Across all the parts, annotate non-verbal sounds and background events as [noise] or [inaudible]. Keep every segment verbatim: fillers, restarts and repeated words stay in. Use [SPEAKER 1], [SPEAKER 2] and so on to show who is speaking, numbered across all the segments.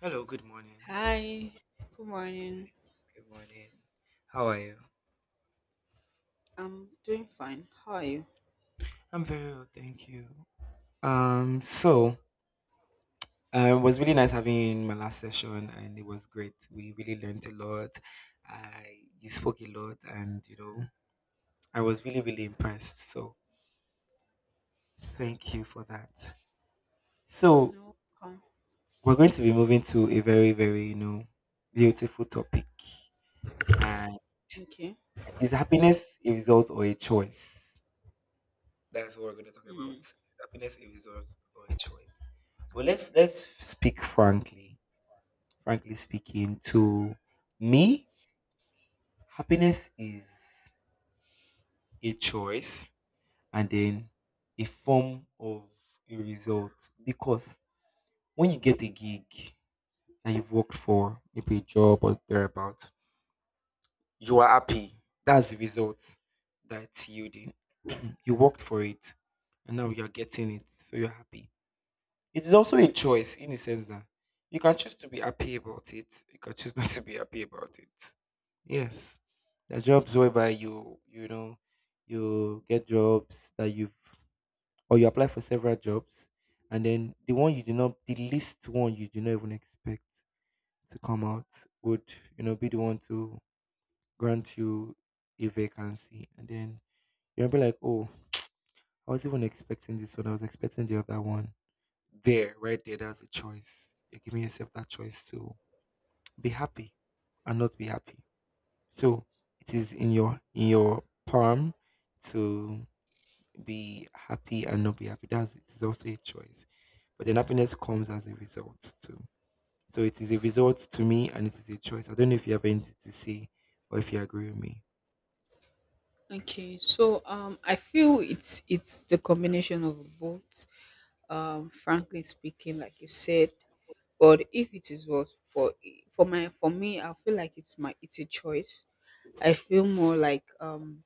[SPEAKER 1] Hello, good morning.
[SPEAKER 2] Hi, good morning.
[SPEAKER 1] Good morning. How are you?
[SPEAKER 2] I'm doing fine. How are you?
[SPEAKER 1] I'm very well, thank you. Um, so uh, it was really nice having you in my last session, and it was great. We really learned a lot. I You spoke a lot, and you know, I was really really impressed. So thank you for that. So
[SPEAKER 2] No, come.
[SPEAKER 1] we're going to be moving to a very very you know beautiful topic. And
[SPEAKER 2] Okay.
[SPEAKER 1] is happiness a result or a choice? That's what we're going to talk about.
[SPEAKER 2] Mm.
[SPEAKER 1] Happiness a result or a choice. But let's let's speak frankly. Frankly speaking, to me, happiness is a choice and then a form of a result. Because when you get a gig that you've worked for, maybe a job or thereabout, you are happy. That's the result that you did. [clears throat] You worked for it, and now you're getting it, so you're happy. It is also a choice in the sense that you can choose to be happy about it. You can choose [laughs] not to be happy about it. Yes, there are jobs whereby you you know you get jobs that you've, or you apply for several jobs, and then the one you did not, the least one you did not even expect to come out would, you know be the one to grant you a vacancy, and then you'll be like, oh, I was even expecting this one, I was expecting the other one there, right there, that's a choice. You're giving yourself that choice to be happy and not be happy. So it is in your in your palm to be happy and not be happy. That's, it is also a choice. But then happiness comes as a result too. So it is a result to me and it is a choice. I don't know if you have anything to say or if you agree with me.
[SPEAKER 2] Okay. So um I feel it's it's the combination of both. Um frankly speaking, like you said, but if it is what for for my for me, I feel like it's my it's a choice. I feel more like um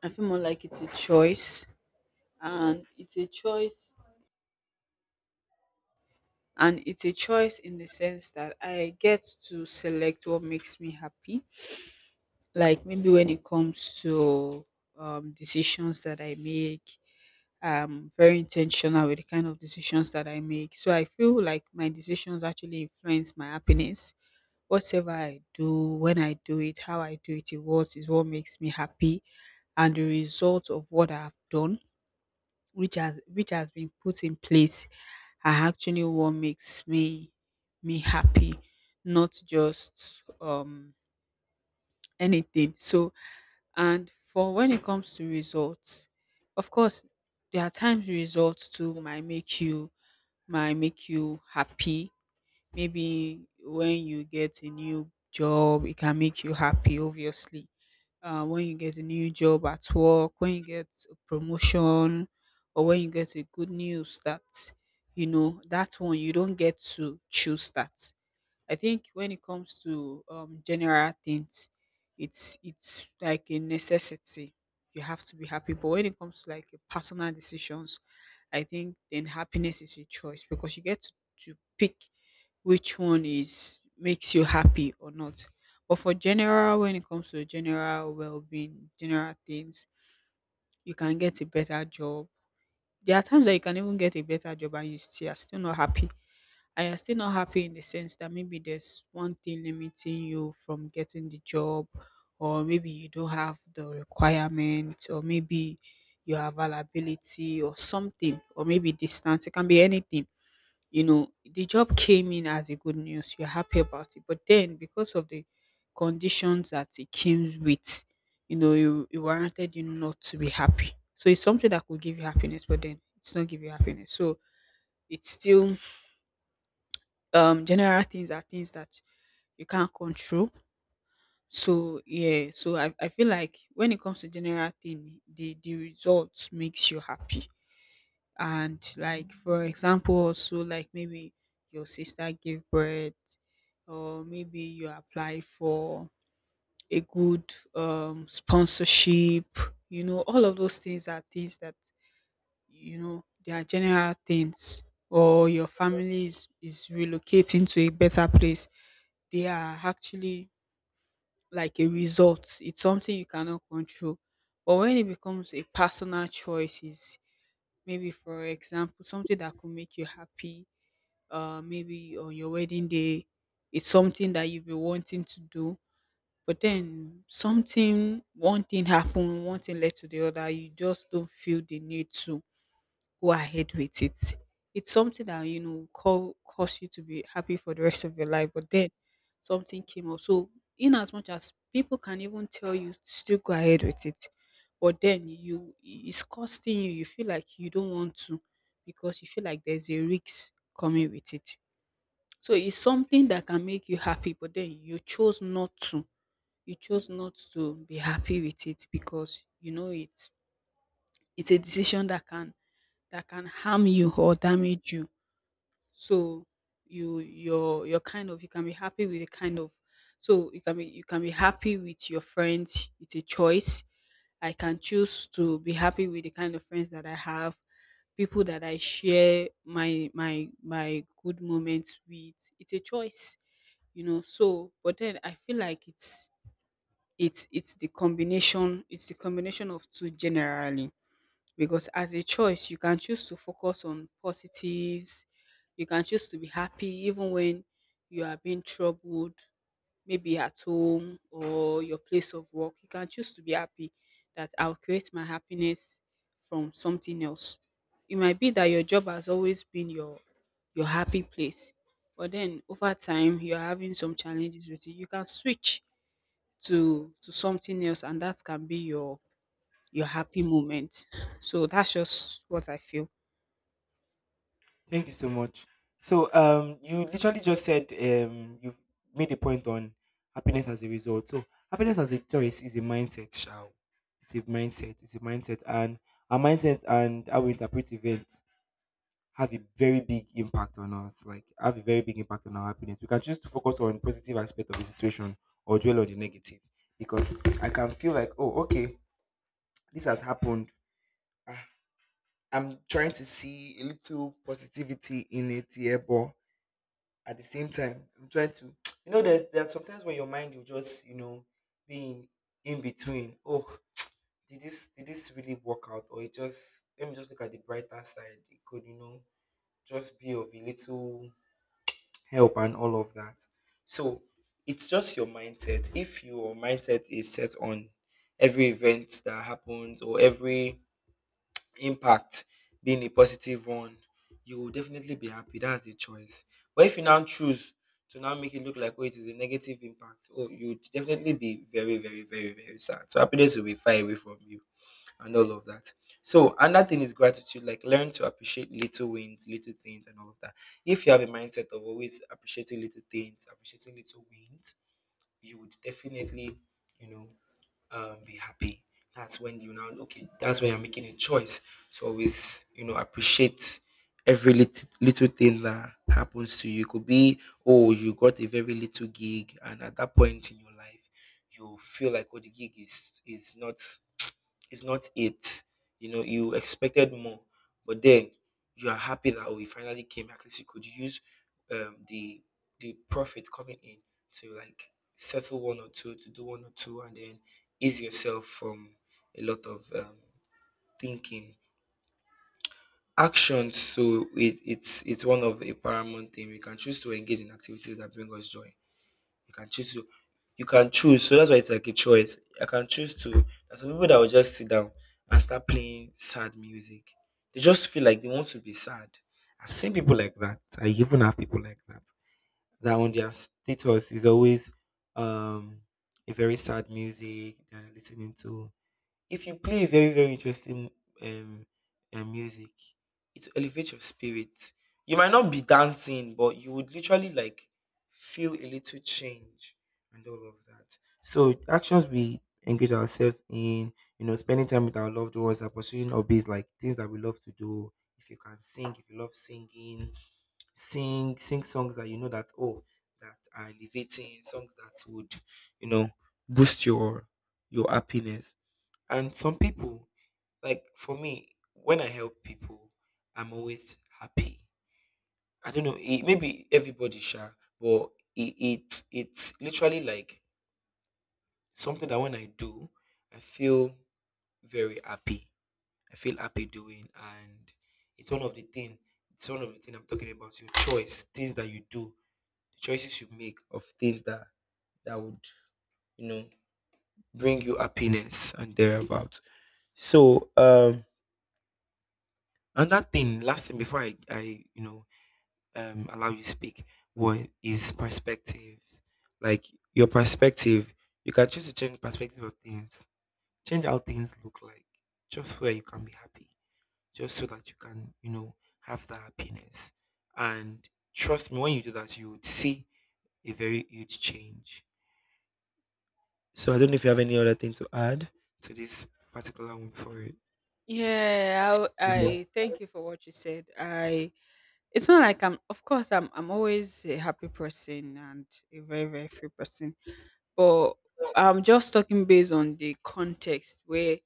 [SPEAKER 2] I feel more like it's a choice and it's a choice and it's a choice in the sense that I get to select what makes me happy, like maybe when it comes to um, decisions that I make. I'm very intentional with the kind of decisions that I make. So I feel like my decisions actually influence my happiness. Whatever I do, when I do it, how I do it, it was is what makes me happy, and the result of what I have done, which has which has been put in place, are actually what makes me me happy, not just um anything. So, and for when it comes to results, of course, there are times results too might make you might make you happy. Maybe when you get a new job, it can make you happy, obviously. Uh, when you get a new job at work, when you get a promotion, or when you get a good news, that you know, that one you don't get to choose. That I think when it comes to um, general things, it's it's like a necessity. You have to be happy. But when it comes to like personal decisions, I think then happiness is a choice because you get to, to pick which one is makes you happy or not. But for general, when it comes to general well-being, general things, you can get a better job. There are times that you can even get a better job and you still are still not happy, and you're still not happy in the sense that maybe there's one thing limiting you from getting the job, or maybe you don't have the requirement, or maybe your availability, or something, or maybe distance. It can be anything. You know, the job came in as a good news. You're happy about it, but then because of the conditions that it came with, you know, you it warranted you not to be happy. So it's something that could give you happiness, but then it's not give you happiness. So it's still um general things are things that you can't control. So yeah, so i, I feel like when it comes to general thing, the the results makes you happy, and like for example also like maybe your sister gave birth, or maybe you apply for a good um sponsorship, you know, all of those things are things that, you know, they are general things, or your family is, is relocating to a better place. They are actually like a result. It's something you cannot control. But when it becomes a personal choice, is maybe, for example, something that could make you happy. Uh, maybe on your wedding day, it's something that you've been wanting to do. But then something, one thing happened, one thing led to the other. You just don't feel the need to go ahead with it. It's something that, you know, call cause you to be happy for the rest of your life, but then something came up. So in as much as people can even tell you to still go ahead with it, but then you it's costing you. You feel like you don't want to, because you feel like there's a risk coming with it. So it's something that can make you happy, but then you chose not to. You chose not to be happy with it, because you know it's it's a decision that can that can harm you or damage you. So you you're you're kind of, you can be happy with the kind of so you can be you can be happy with your friends. It's a choice. I can choose to be happy with the kind of friends that I have, people that I share my my my good moments with. It's a choice, you know. So but then I feel like it's it's it's the combination, it's the combination of two generally, because as a choice, you can choose to focus on positives, you can choose to be happy even when you are being troubled, maybe at home or your place of work. You can choose to be happy, that I'll create my happiness from something else. It might be that your job has always been your your happy place, but then over time you're having some challenges with it. You can switch to to something else, and that can be your your happy moment. So that's just what I feel.
[SPEAKER 1] Thank you so much. So, um, you literally just said um, you've made a point on happiness as a result. So, happiness as a choice is a mindset, shall it's a mindset, it's a mindset, And our mindset and how we interpret events have a very big impact on us. Like, have a very big impact on our happiness. We can choose to focus on positive aspect of the situation or dwell on the negative, because I can feel like, oh, okay, this has happened. Ah, I'm trying to see a little positivity in it here, but at the same time I'm trying to, you know there's there are sometimes where your mind will just, you know be in, in between. Oh, did this did this really work out, or it... Just let me just look at the brighter side. It could, you know just be of a little help and all of that. So it's just your mindset. If your mindset is set on every event that happens or every impact being a positive one, you will definitely be happy. That's the choice. But if you now choose to now make it look like, oh, it is a negative impact, oh, you would definitely be very, very, very, very sad. So happiness will be far away from you and all of that. So another thing is gratitude, like learn to appreciate little wins, little things, and all of that. If you have a mindset of always appreciating little things, appreciating little wins, you would definitely, you know, um, be happy. That's when you now okay. That's when you're making a choice to always, you know appreciate every little, little thing that happens to you. It could be, oh, you got a very little gig, and at that point in your life, you feel like, oh, the gig is is not, it's not it. You know, you expected more, but then you are happy that we finally came. At least you could use, um, the the profit coming in to like settle one or two, to do one or two, and then ease yourself from a lot of, um, thinking. Actions. So it, it's it's one of a paramount thing. We can choose to engage in activities that bring us joy. You can choose to you can choose, so that's why it's like a choice. I can choose to, there's some people that will just sit down and start playing sad music. They just feel like they want to be sad. I've seen people like that. I even have people like that. That on their status is always, um a very sad music they're listening to. If you play very, very interesting, um, um, music, it will elevate your spirit. You might not be dancing, but you would literally like feel a little change and all of that. So actions we engage ourselves in, you know, spending time with our loved ones, are pursuing hobbies like things that we love to do. If you can sing, if you love singing, sing sing songs that you know that, oh, that are elevating songs that would, you know boost your your happiness. And some people, like for me, when I help people, I'm always happy. I don't know, it, maybe everybody shall, but it, it it's literally like something that when I do, I feel very happy. I feel happy doing, and it's one of the thing. It's one of the thing I'm talking about. Your choice, things that you do, the choices you make of things that that would, you know bring you happiness and thereabout. So, um another thing, last thing before I, I you know, um, allow you to speak, was is perspectives. Like, your perspective, you can choose to change the perspective of things, change how things look like, just so that you can be happy, just so that you can, you know, have that happiness. And trust me, when you do that, you would see a very huge change. So I don't know if you have any other thing to add to this particular one before. it-
[SPEAKER 2] Yeah, I, I thank you for what you said. I It's not like I'm, of course I'm I'm always a happy person and a very very free person, but I'm just talking based on the context where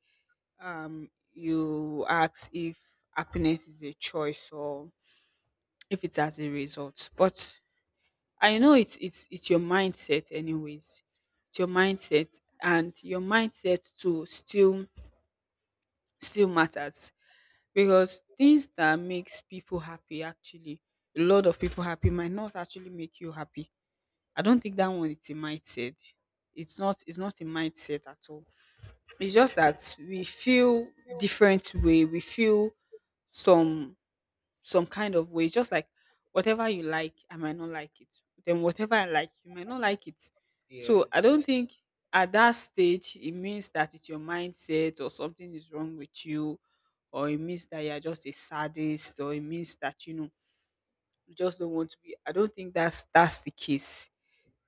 [SPEAKER 2] um you ask if happiness is a choice or if it's as a result. But I know it's it's it's your mindset anyways. It's your mindset, and your mindset to still still matters, because things that makes people happy, actually a lot of people happy, might not actually make you happy. I don't think that one is a mindset. It's not it's not a mindset at all. It's just that we feel different way, we feel some some kind of way. It's just like whatever you like, I might not like it. Then whatever I like, you might not like it. So I don't
[SPEAKER 1] Yes.
[SPEAKER 2] think at that stage it means that it's your mindset or something is wrong with you, or it means that you're just a sadist, or it means that, you know, you just don't want to be. I don't think that's that's the case.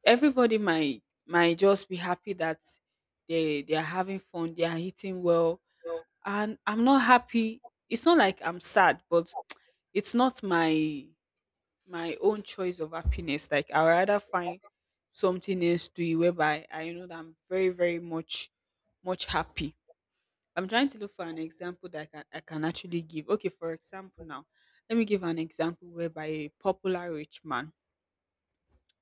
[SPEAKER 2] Everybody might might just be happy that they they are having fun, they are eating well,
[SPEAKER 1] No.
[SPEAKER 2] and I'm not happy. It's not like I'm sad, but it's not my my own choice of happiness. Like I rather find something else to it, whereby I know that I'm very, very much, much happy. I'm trying to look for an example that I can, I can actually give. Okay, for example, now let me give an example whereby a popular rich man,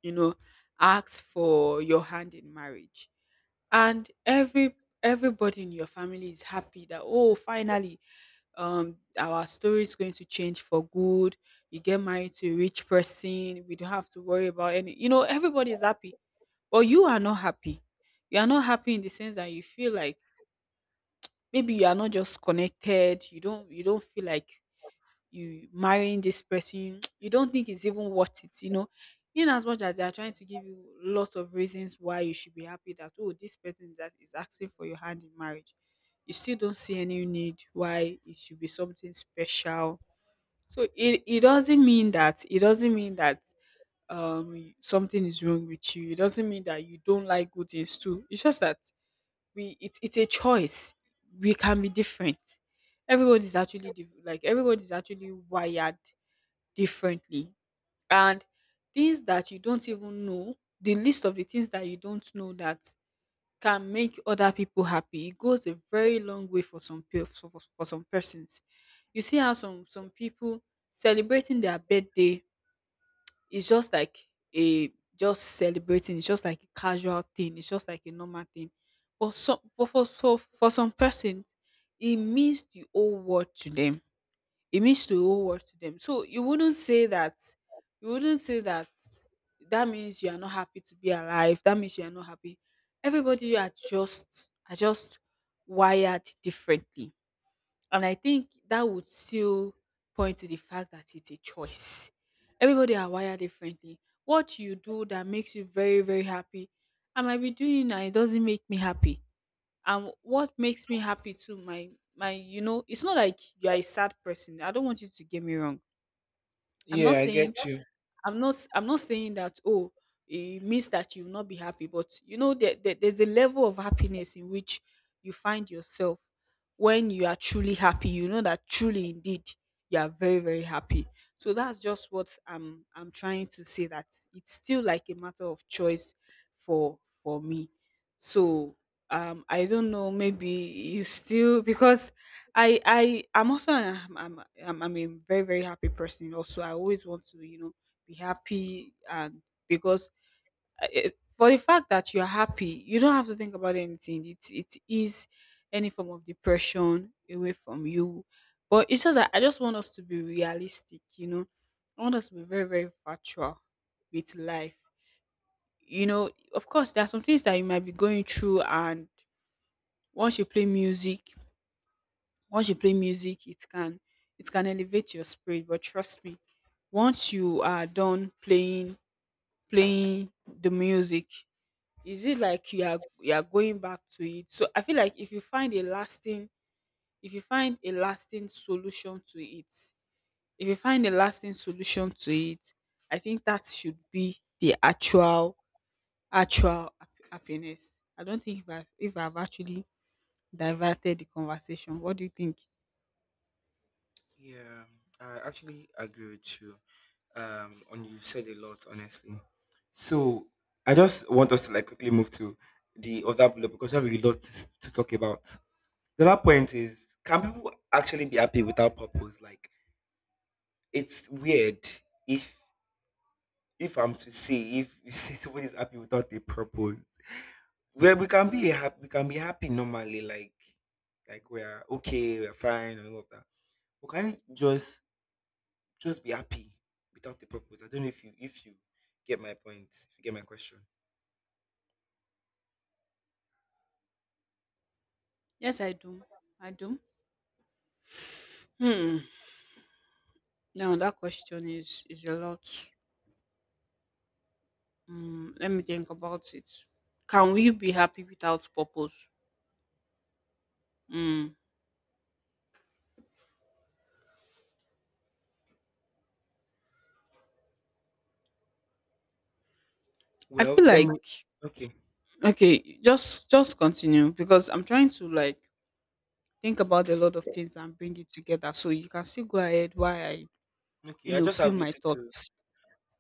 [SPEAKER 2] you know, asks for your hand in marriage, and every everybody in your family is happy that, oh finally um our story is going to change for good. You get married to a rich person, we don't have to worry about any, you know, everybody is happy. But you are not happy. You are not happy in the sense that you feel like maybe you are not just connected, you don't you don't feel like you marrying this person. [tsk] You don't think it's even worth it, you know, in as much as they are trying to give you lots of reasons why you should be happy, that oh this person that is asking for your hand in marriage, you still don't see any need why it should be something special. So it it doesn't mean that, it doesn't mean that um something is wrong with you. It doesn't mean that you don't like good things too. It's just that we it's it's a choice. We can be different. Everybody's actually diff- like everybody's actually wired differently, and things that you don't even know. The list of the things that you don't know that can make other people happy, it goes a very long way for some peo- for, for for some persons. You see how some some people celebrating their birthday is just like a, just celebrating. It's just like a casual thing. It's just like a normal thing. But some but for for for some persons, it means the whole world to them, it means the whole world to them. So you wouldn't say that, you wouldn't say that that means you are not happy to be alive. That means you are not happy. Everybody are just are just wired differently. And I think that would still point to the fact that it's a choice. Everybody are wired differently. What you do that makes you very, very happy, I might be doing and it doesn't make me happy. And what makes me happy too, my my, you know, it's not like you are a sad person. I don't want you to get me wrong. i'm not
[SPEAKER 1] Yeah, I get
[SPEAKER 2] saying
[SPEAKER 1] you.
[SPEAKER 2] I'm not s- I'm not saying that oh it means that you will not be happy, but you know there, there there's a level of happiness in which you find yourself when you are truly happy. You know that truly indeed you are very very happy. So that's just what I'm I'm trying to say, that it's still like a matter of choice for for me. So um I don't know, maybe you still, because I I I'm also I'm I'm, I'm I'm a very very happy person also. I always want to you know be happy, and because uh, eh, for the fact that you're happy, you don't have to think about anything. It it is any form of depression away from you. But it's just that I just want us to be realistic. you know I want us to be very very factual with life. You know of course, there are some things that you might be going through, and once you play music once you play music, it can it can elevate your spirit. But trust me, once you are done playing playing the music, is it like you are you are going back to it? So I feel like, if you find a lasting if you find a lasting solution to it if you find a lasting solution to it, I think that should be the actual actual hap- happiness. I don't think — if i if i've actually diverted the conversation. What do you think?
[SPEAKER 1] Yeah, I actually agree with you. Um, and you've said a lot, honestly. So I just want us to like quickly move to the other bullet because I have a lot to, s- to talk about. The other point is, can people actually be happy without purpose? Like, it's weird if if I'm to say if [laughs] you see somebody's happy without a purpose. Where we can be happy, we can be happy normally, like like we're okay, we're fine, and all of that. But can you just just be happy without the purpose? I don't know if you if you get my point, if you get my question.
[SPEAKER 2] Yes, I do. I do. Hmm. Now that question is is a lot. Mm, let me think about it. Can we be happy without purpose? Hmm. I
[SPEAKER 1] Well,
[SPEAKER 2] feel
[SPEAKER 1] let me,
[SPEAKER 2] like...
[SPEAKER 1] okay.
[SPEAKER 2] Okay, just just continue, because I'm trying to like think about a lot of things and bring it together. So you can still go ahead while I, you
[SPEAKER 1] Okay, I
[SPEAKER 2] know,
[SPEAKER 1] just
[SPEAKER 2] feel
[SPEAKER 1] have
[SPEAKER 2] my
[SPEAKER 1] little to
[SPEAKER 2] thoughts.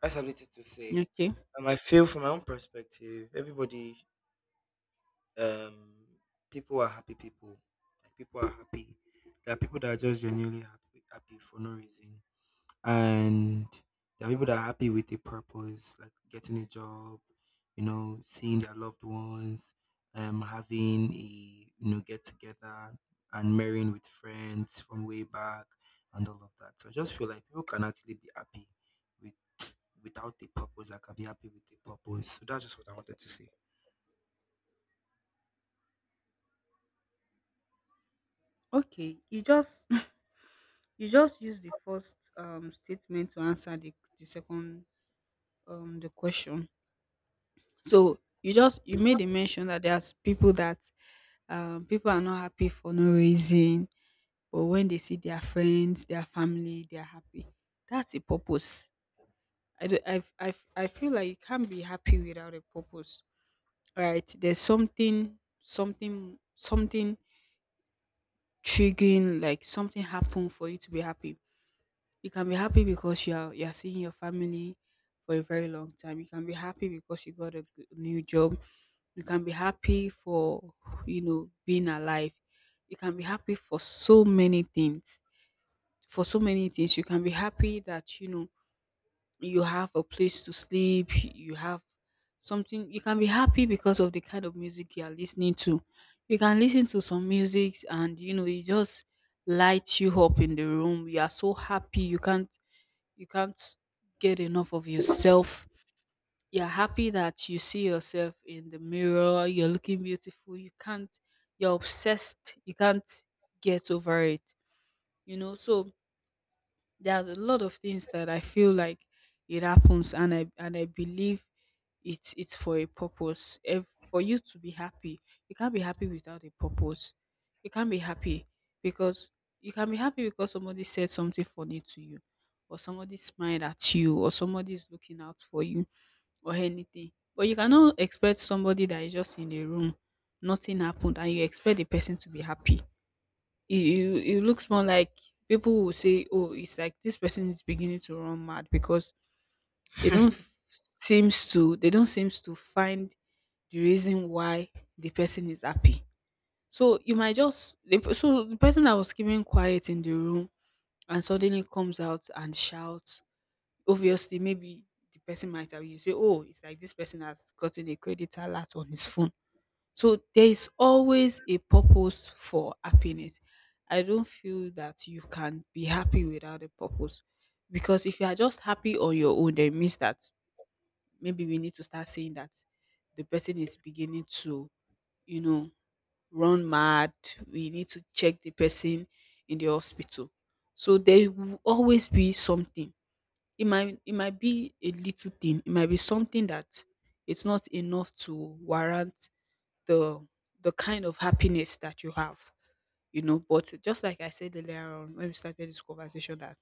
[SPEAKER 1] I just have little to say.
[SPEAKER 2] Okay.
[SPEAKER 1] Um, I feel from my own perspective, everybody, um people are happy people. Like, people are happy. There are people that are just genuinely happy happy for no reason. And there are people that are happy with a purpose, like getting a job, you know, seeing their loved ones, um, having a, you know get together, and marrying with friends from way back, and all of that. So I just feel like people can actually be happy with without a purpose. I can be happy with a purpose. So that's just what I wanted to say.
[SPEAKER 2] Okay. You just [laughs] you just use the first um statement to answer the the second, um the question. So you just, you made a mention that there's people that um people are not happy for no reason, but when they see their friends, their family, they're happy. That's a purpose. I do. I, I, I feel like you can't be happy without a purpose, right? There's something, something, something triggering. Like something happened for you to be happy. You can be happy because you are you are seeing your family for a very long time. You can be happy because you got a g- new job. You can be happy for you know being alive. You can be happy for so many things. For so many things, you can be happy that you know you have a place to sleep, you have something. You can be happy because of the kind of music you are listening to. You can listen to some music, and you know it just lights you up in the room. You are so happy, you can't you can't get enough of yourself. You're happy that you see yourself in the mirror, you're looking beautiful, you can't you're obsessed, you can't get over it. You know, so there's a lot of things that I feel like it happens, and I and I believe it's it's for a purpose. If for you to be happy, you can't be happy without a purpose. You can't be happy because — you can be happy because somebody said something funny to you, or somebody smiled at you, or somebody is looking out for you, or anything. But you cannot expect somebody that is just in a room, nothing happened, and you expect the person to be happy. It, it, it looks more like people will say, oh, it's like this person is beginning to run mad, because they don't f- seems to they don't seems to find the reason why the person is happy. So you might just — the pe- so the person that was keeping quiet in the room and suddenly comes out and shouts. Obviously, maybe the person might have — you say, oh, it's like this person has gotten a credit alert on his phone. So there is always a purpose for happiness. I don't feel that you can be happy without a purpose, because if you are just happy on your own, then it means that maybe we need to start saying that the person is beginning to, you know, run mad. We need to check the person in the hospital. So there will always be something. It might it might be a little thing. It might be something that it's not enough to warrant the the kind of happiness that you have. You know, but just like I said earlier on when we started this conversation, that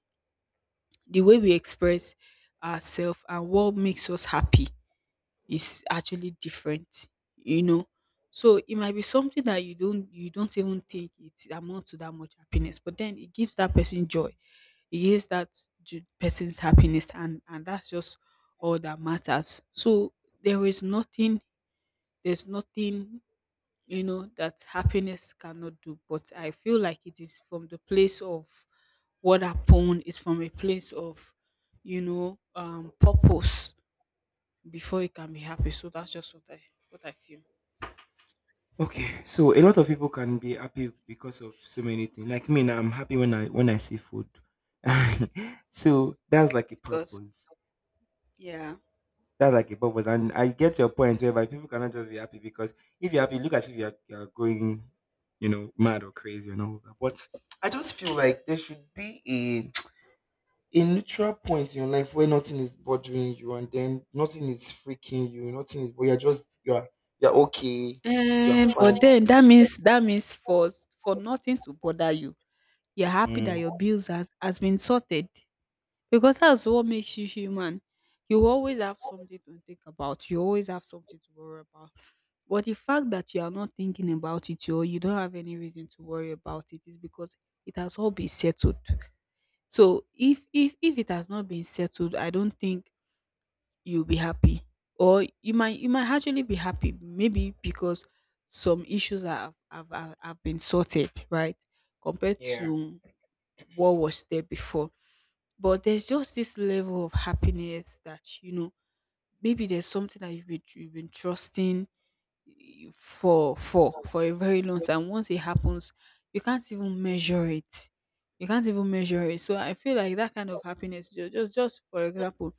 [SPEAKER 2] the way we express ourselves and what makes us happy is actually different. You know, so it might be something that you don't you don't even think it amounts to that much happiness, but then it gives that person joy. It gives that ju- person's happiness, and and that's just all that matters. So there is nothing there's nothing, you know, that happiness cannot do. But I feel like it is from the place of what happened. It's from a place of, you know um purpose, before it can be happy. So that's just what i what i feel.
[SPEAKER 1] Okay, so a lot of people can be happy because of so many things. Like me now, I'm happy when I when I see food. [laughs] So that's like a
[SPEAKER 2] Because —
[SPEAKER 1] purpose.
[SPEAKER 2] yeah.
[SPEAKER 1] That's like a purpose. And I get your point whereby people cannot just be happy because, if you're happy, look as if you're you're going, you know, mad or crazy and all of that. But I just feel like there should be a a neutral point in your life where nothing is bothering you, and then nothing is freaking you, nothing is, but you're just you're you're okay, you're
[SPEAKER 2] Um,
[SPEAKER 1] fine.
[SPEAKER 2] but then that means — that means for for nothing to bother you, you're happy that
[SPEAKER 1] Mm.
[SPEAKER 2] your bills has has been sorted. Because that's what makes you human. You always have something to think about. You always have something to worry about. But the fact that you are not thinking about it, or you don't have any reason to worry about it, is because it has all been settled. So if if if it has not been settled, I don't think you'll be happy. Or you might you might actually be happy, maybe because some issues have have, have, have been sorted, right? Compared
[SPEAKER 1] Yeah.
[SPEAKER 2] to what was there before. But there's just this level of happiness that, you know maybe there's something that you've been you've been trusting — you- for for for a very long time. Once it happens, you can't even measure it. You can't even measure it. So I feel like that kind of happiness — ju- just just for example,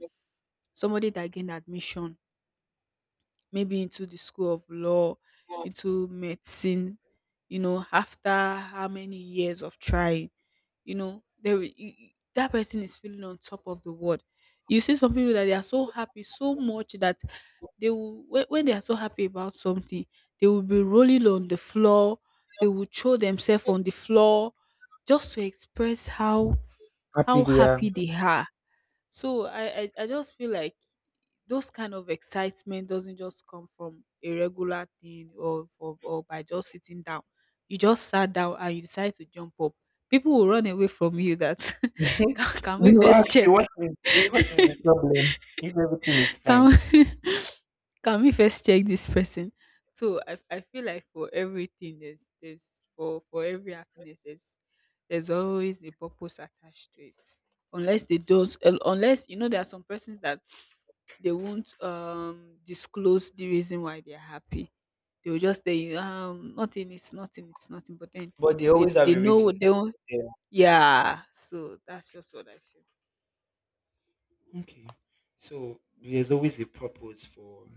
[SPEAKER 2] somebody that gained admission maybe into the school of law, into medicine, you know, after how many years of trying, you know, they will- you- you- that person is feeling on top of the world. You see some people that they are so happy so much that they will — when, when they are so happy about something, they will be rolling on the floor. They will throw themselves on the floor just to express how
[SPEAKER 1] Happy
[SPEAKER 2] how
[SPEAKER 1] there.
[SPEAKER 2] happy
[SPEAKER 1] [laughs] are.
[SPEAKER 2] they are. So I, I I just feel like those kind of excitement doesn't just come from a regular thing, or for — or by just sitting down. You just sat down and you decide to jump up. People will run away from you, that [laughs] can, can
[SPEAKER 1] They
[SPEAKER 2] we
[SPEAKER 1] will [laughs]
[SPEAKER 2] first
[SPEAKER 1] ask you
[SPEAKER 2] check?
[SPEAKER 1] what
[SPEAKER 2] [laughs]
[SPEAKER 1] is, eh, what is the problem if everything is fine.
[SPEAKER 2] Can we, [laughs] can we first check this person? So I, I feel like, for everything, there's there's for for every happiness, there's there's always a purpose attached to it. Unless they don't — unless, you know, there are some persons that they won't um disclose the reason why they're happy. They will just say, um, nothing, it's nothing, it's nothing. But then
[SPEAKER 1] But they
[SPEAKER 2] they,
[SPEAKER 1] always have
[SPEAKER 2] they
[SPEAKER 1] a
[SPEAKER 2] know
[SPEAKER 1] reason.
[SPEAKER 2] what they want.
[SPEAKER 1] Yeah.
[SPEAKER 2] Yeah. So that's just what I feel.
[SPEAKER 1] Okay. So there's always a purpose for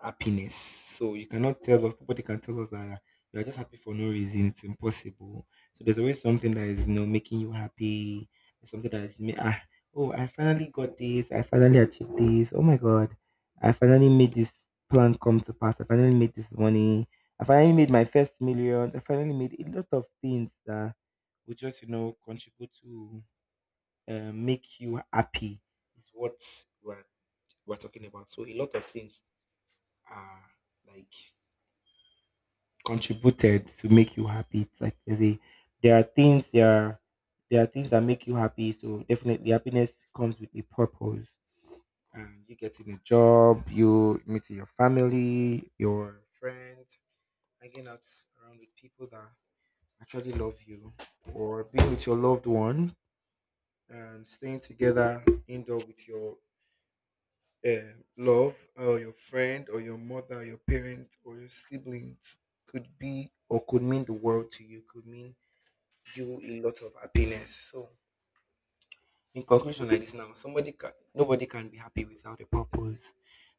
[SPEAKER 1] happiness. So you cannot tell us, nobody can tell us that you are just happy for no reason. It's impossible. So there's always something that is, you know, making you happy. There's something that is, ma- ah, oh, I finally got this. I finally achieved this. Oh my God. I finally made this plan come to pass. I finally made this money. I finally made my first millions. I finally made a lot of things that would just, you know, contribute to, uh, make you happy is what we're, we're talking about. So a lot of things, uh, like, contributed to make you happy. It's like there's a, there are things, there are there are things that make you happy. So definitely, happiness comes with a purpose. And you getting a job, you meeting your family, your friends, hanging out around with people that actually love you, or being with your loved one and staying together, indoor with your um, love or your friend or your mother or your parents or your siblings could be or could mean the world to you, could mean you a lot of happiness. So in conclusion, like this now somebody can nobody can be happy without a purpose.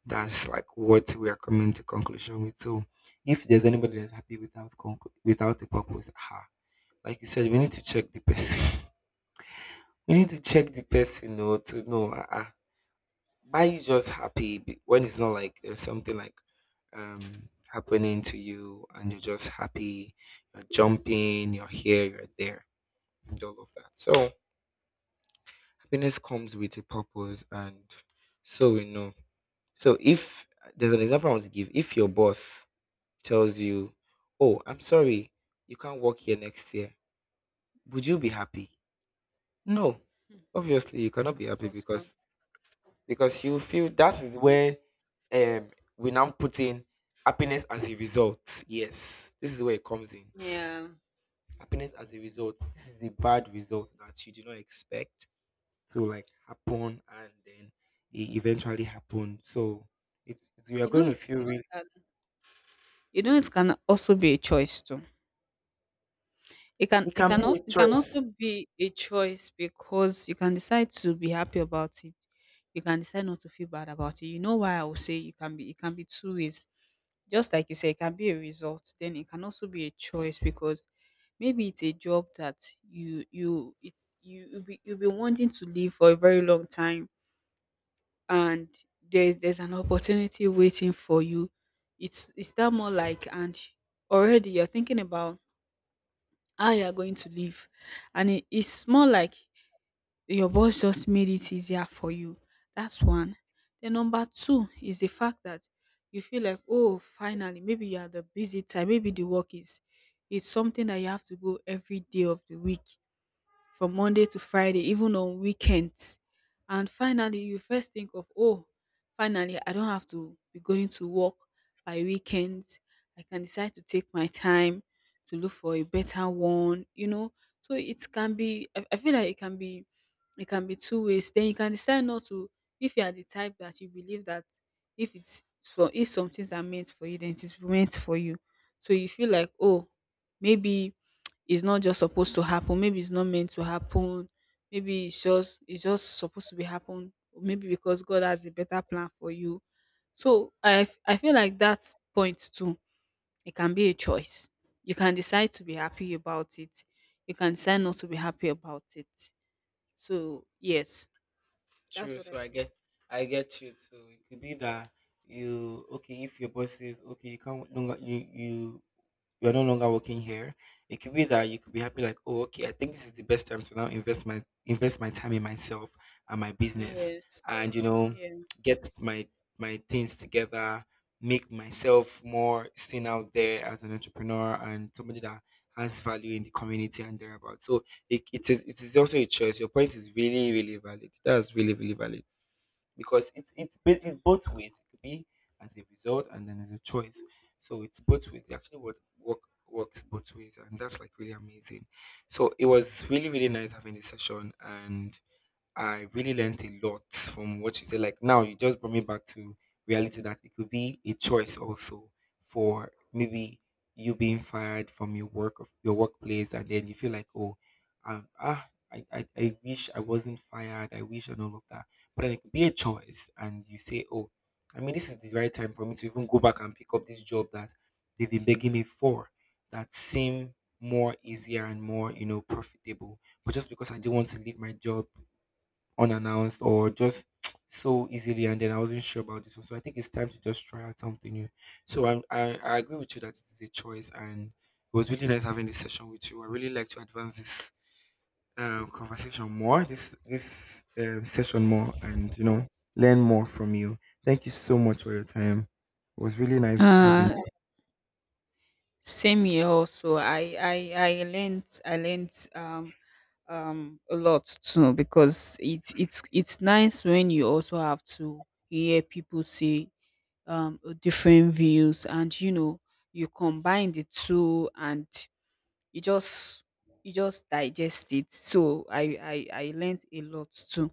[SPEAKER 1] That's like what we are coming to conclusion with. So if there's anybody that's happy without conclu- without a purpose, ah, like you said, we need to check the person [laughs] we need to check the person, you know, to know ah ah. Are you just happy be- when it's not like there's something like um happening to you and you're just happy, you're jumping, you're here, you're there, and all of that. So happiness comes with a purpose, and so we know. So if there's an example I want to give, if your boss tells you, "Oh, I'm sorry, you can't work here next year," would you be happy? No. Obviously you cannot be happy
[SPEAKER 2] Because, um,
[SPEAKER 1] because because you feel that is where um we now put in happiness as a result. Yes, this is where it comes in.
[SPEAKER 2] yeah.
[SPEAKER 1] Happiness as a result. This is a bad result that you do not expect to like happen, and then it eventually happened. So it's, it's you are
[SPEAKER 2] You know,
[SPEAKER 1] going to
[SPEAKER 2] it
[SPEAKER 1] feel
[SPEAKER 2] it
[SPEAKER 1] really.
[SPEAKER 2] can you know it can also be a choice too. It can
[SPEAKER 1] It
[SPEAKER 2] it
[SPEAKER 1] can
[SPEAKER 2] can
[SPEAKER 1] be a
[SPEAKER 2] al- it can
[SPEAKER 1] choice.
[SPEAKER 2] also be a choice, because you can decide to be happy about it. You can decide not to feel bad about it. You know why I will say it can be it can be two ways. Just like you say, it can be a result. Then it can also be a choice, because maybe it's a job that you you it's you you'll be you'll be wanting to leave for a very long time, and there's there's an opportunity waiting for you. It's it's that, more like, and already you're thinking about how you are going to live, and it, it's more like your boss just made it easier for you. That's one. Then number two is the fact that you feel like, oh, finally — maybe you are — the busy time, maybe the work is — it's something that you have to go every day of the week, from Monday to Friday, even on weekends. And finally, you first think of, oh, finally, I don't have to be going to work by weekends. I can decide to take my time to look for a better one, you know. So it can be — I, I feel like it can be — it can be two ways. Then you can decide not to, if you are the type that you believe that if it's for — if some things are meant for you, then it is meant for you. So you feel like, oh, maybe it's not just supposed to happen. Maybe it's not meant to happen. Maybe it's just it's just supposed to be happen. Maybe because God has a better plan for you. So I f- I feel like that point too. It can be a choice. You can decide to be happy about it. You can decide not to be happy about it. So yes, that's
[SPEAKER 1] True.
[SPEAKER 2] what I
[SPEAKER 1] So I
[SPEAKER 2] feel.
[SPEAKER 1] get, I get you too. It could be that you okay, if your boss says, okay, you can't no longer you you you're no longer working here. It could be that you could be happy, like, oh, okay, I think this is the best time to now invest my invest my time in myself and my business,
[SPEAKER 2] Yes.
[SPEAKER 1] and you know,
[SPEAKER 2] Yeah.
[SPEAKER 1] get my my things together, make myself more seen out there as an entrepreneur and somebody that has value in the community and thereabout. So it, it is it is also a choice. Your point is really really valid. That's really really valid because it's it's ba-
[SPEAKER 2] yeah.
[SPEAKER 1] it's both ways. It could be as a result and then as a choice. So it's both ways. It Actually, what work works both ways, and that's like really amazing. So it was really really nice having this session, and I really learned a lot from what you said. Like now, you just brought me back to reality that it could be a choice also for maybe you being fired from your work of your workplace, and then you feel like, oh, um, ah, I, I, I wish I wasn't fired. I wish and all of that. But then it could be a choice, and you say, oh, I mean, this is the right time for me to even go back and pick up this job that they've been begging me for. That seem more easier and more, you know, profitable. But just because I didn't want to leave my job unannounced or just [tsk] so easily, and then I wasn't sure about this one. So I think it's time to just try out something new. So I'm, I, I agree with you that it is a choice, and it was really nice having this session with you. I really like to advance this um, conversation more, this this um, session more, and you know, learn more from you. Thank you so much for your time. It was really nice having
[SPEAKER 2] Uh,
[SPEAKER 1] you.
[SPEAKER 2] Same here also. I I I learned I learned um um a lot too, because it's it's it's nice when you also have to hear people say um different views, and you know you combine the two and you just you just digest it. So I I I learned a lot too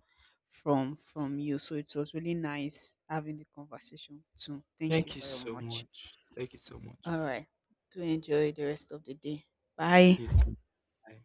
[SPEAKER 2] from from you. So it was really nice having the conversation too. Thank you
[SPEAKER 1] Thank you
[SPEAKER 2] very
[SPEAKER 1] so
[SPEAKER 2] much.
[SPEAKER 1] much. Thank you so much.
[SPEAKER 2] All right. Do enjoy the rest of the day. Bye.
[SPEAKER 1] You too. Bye.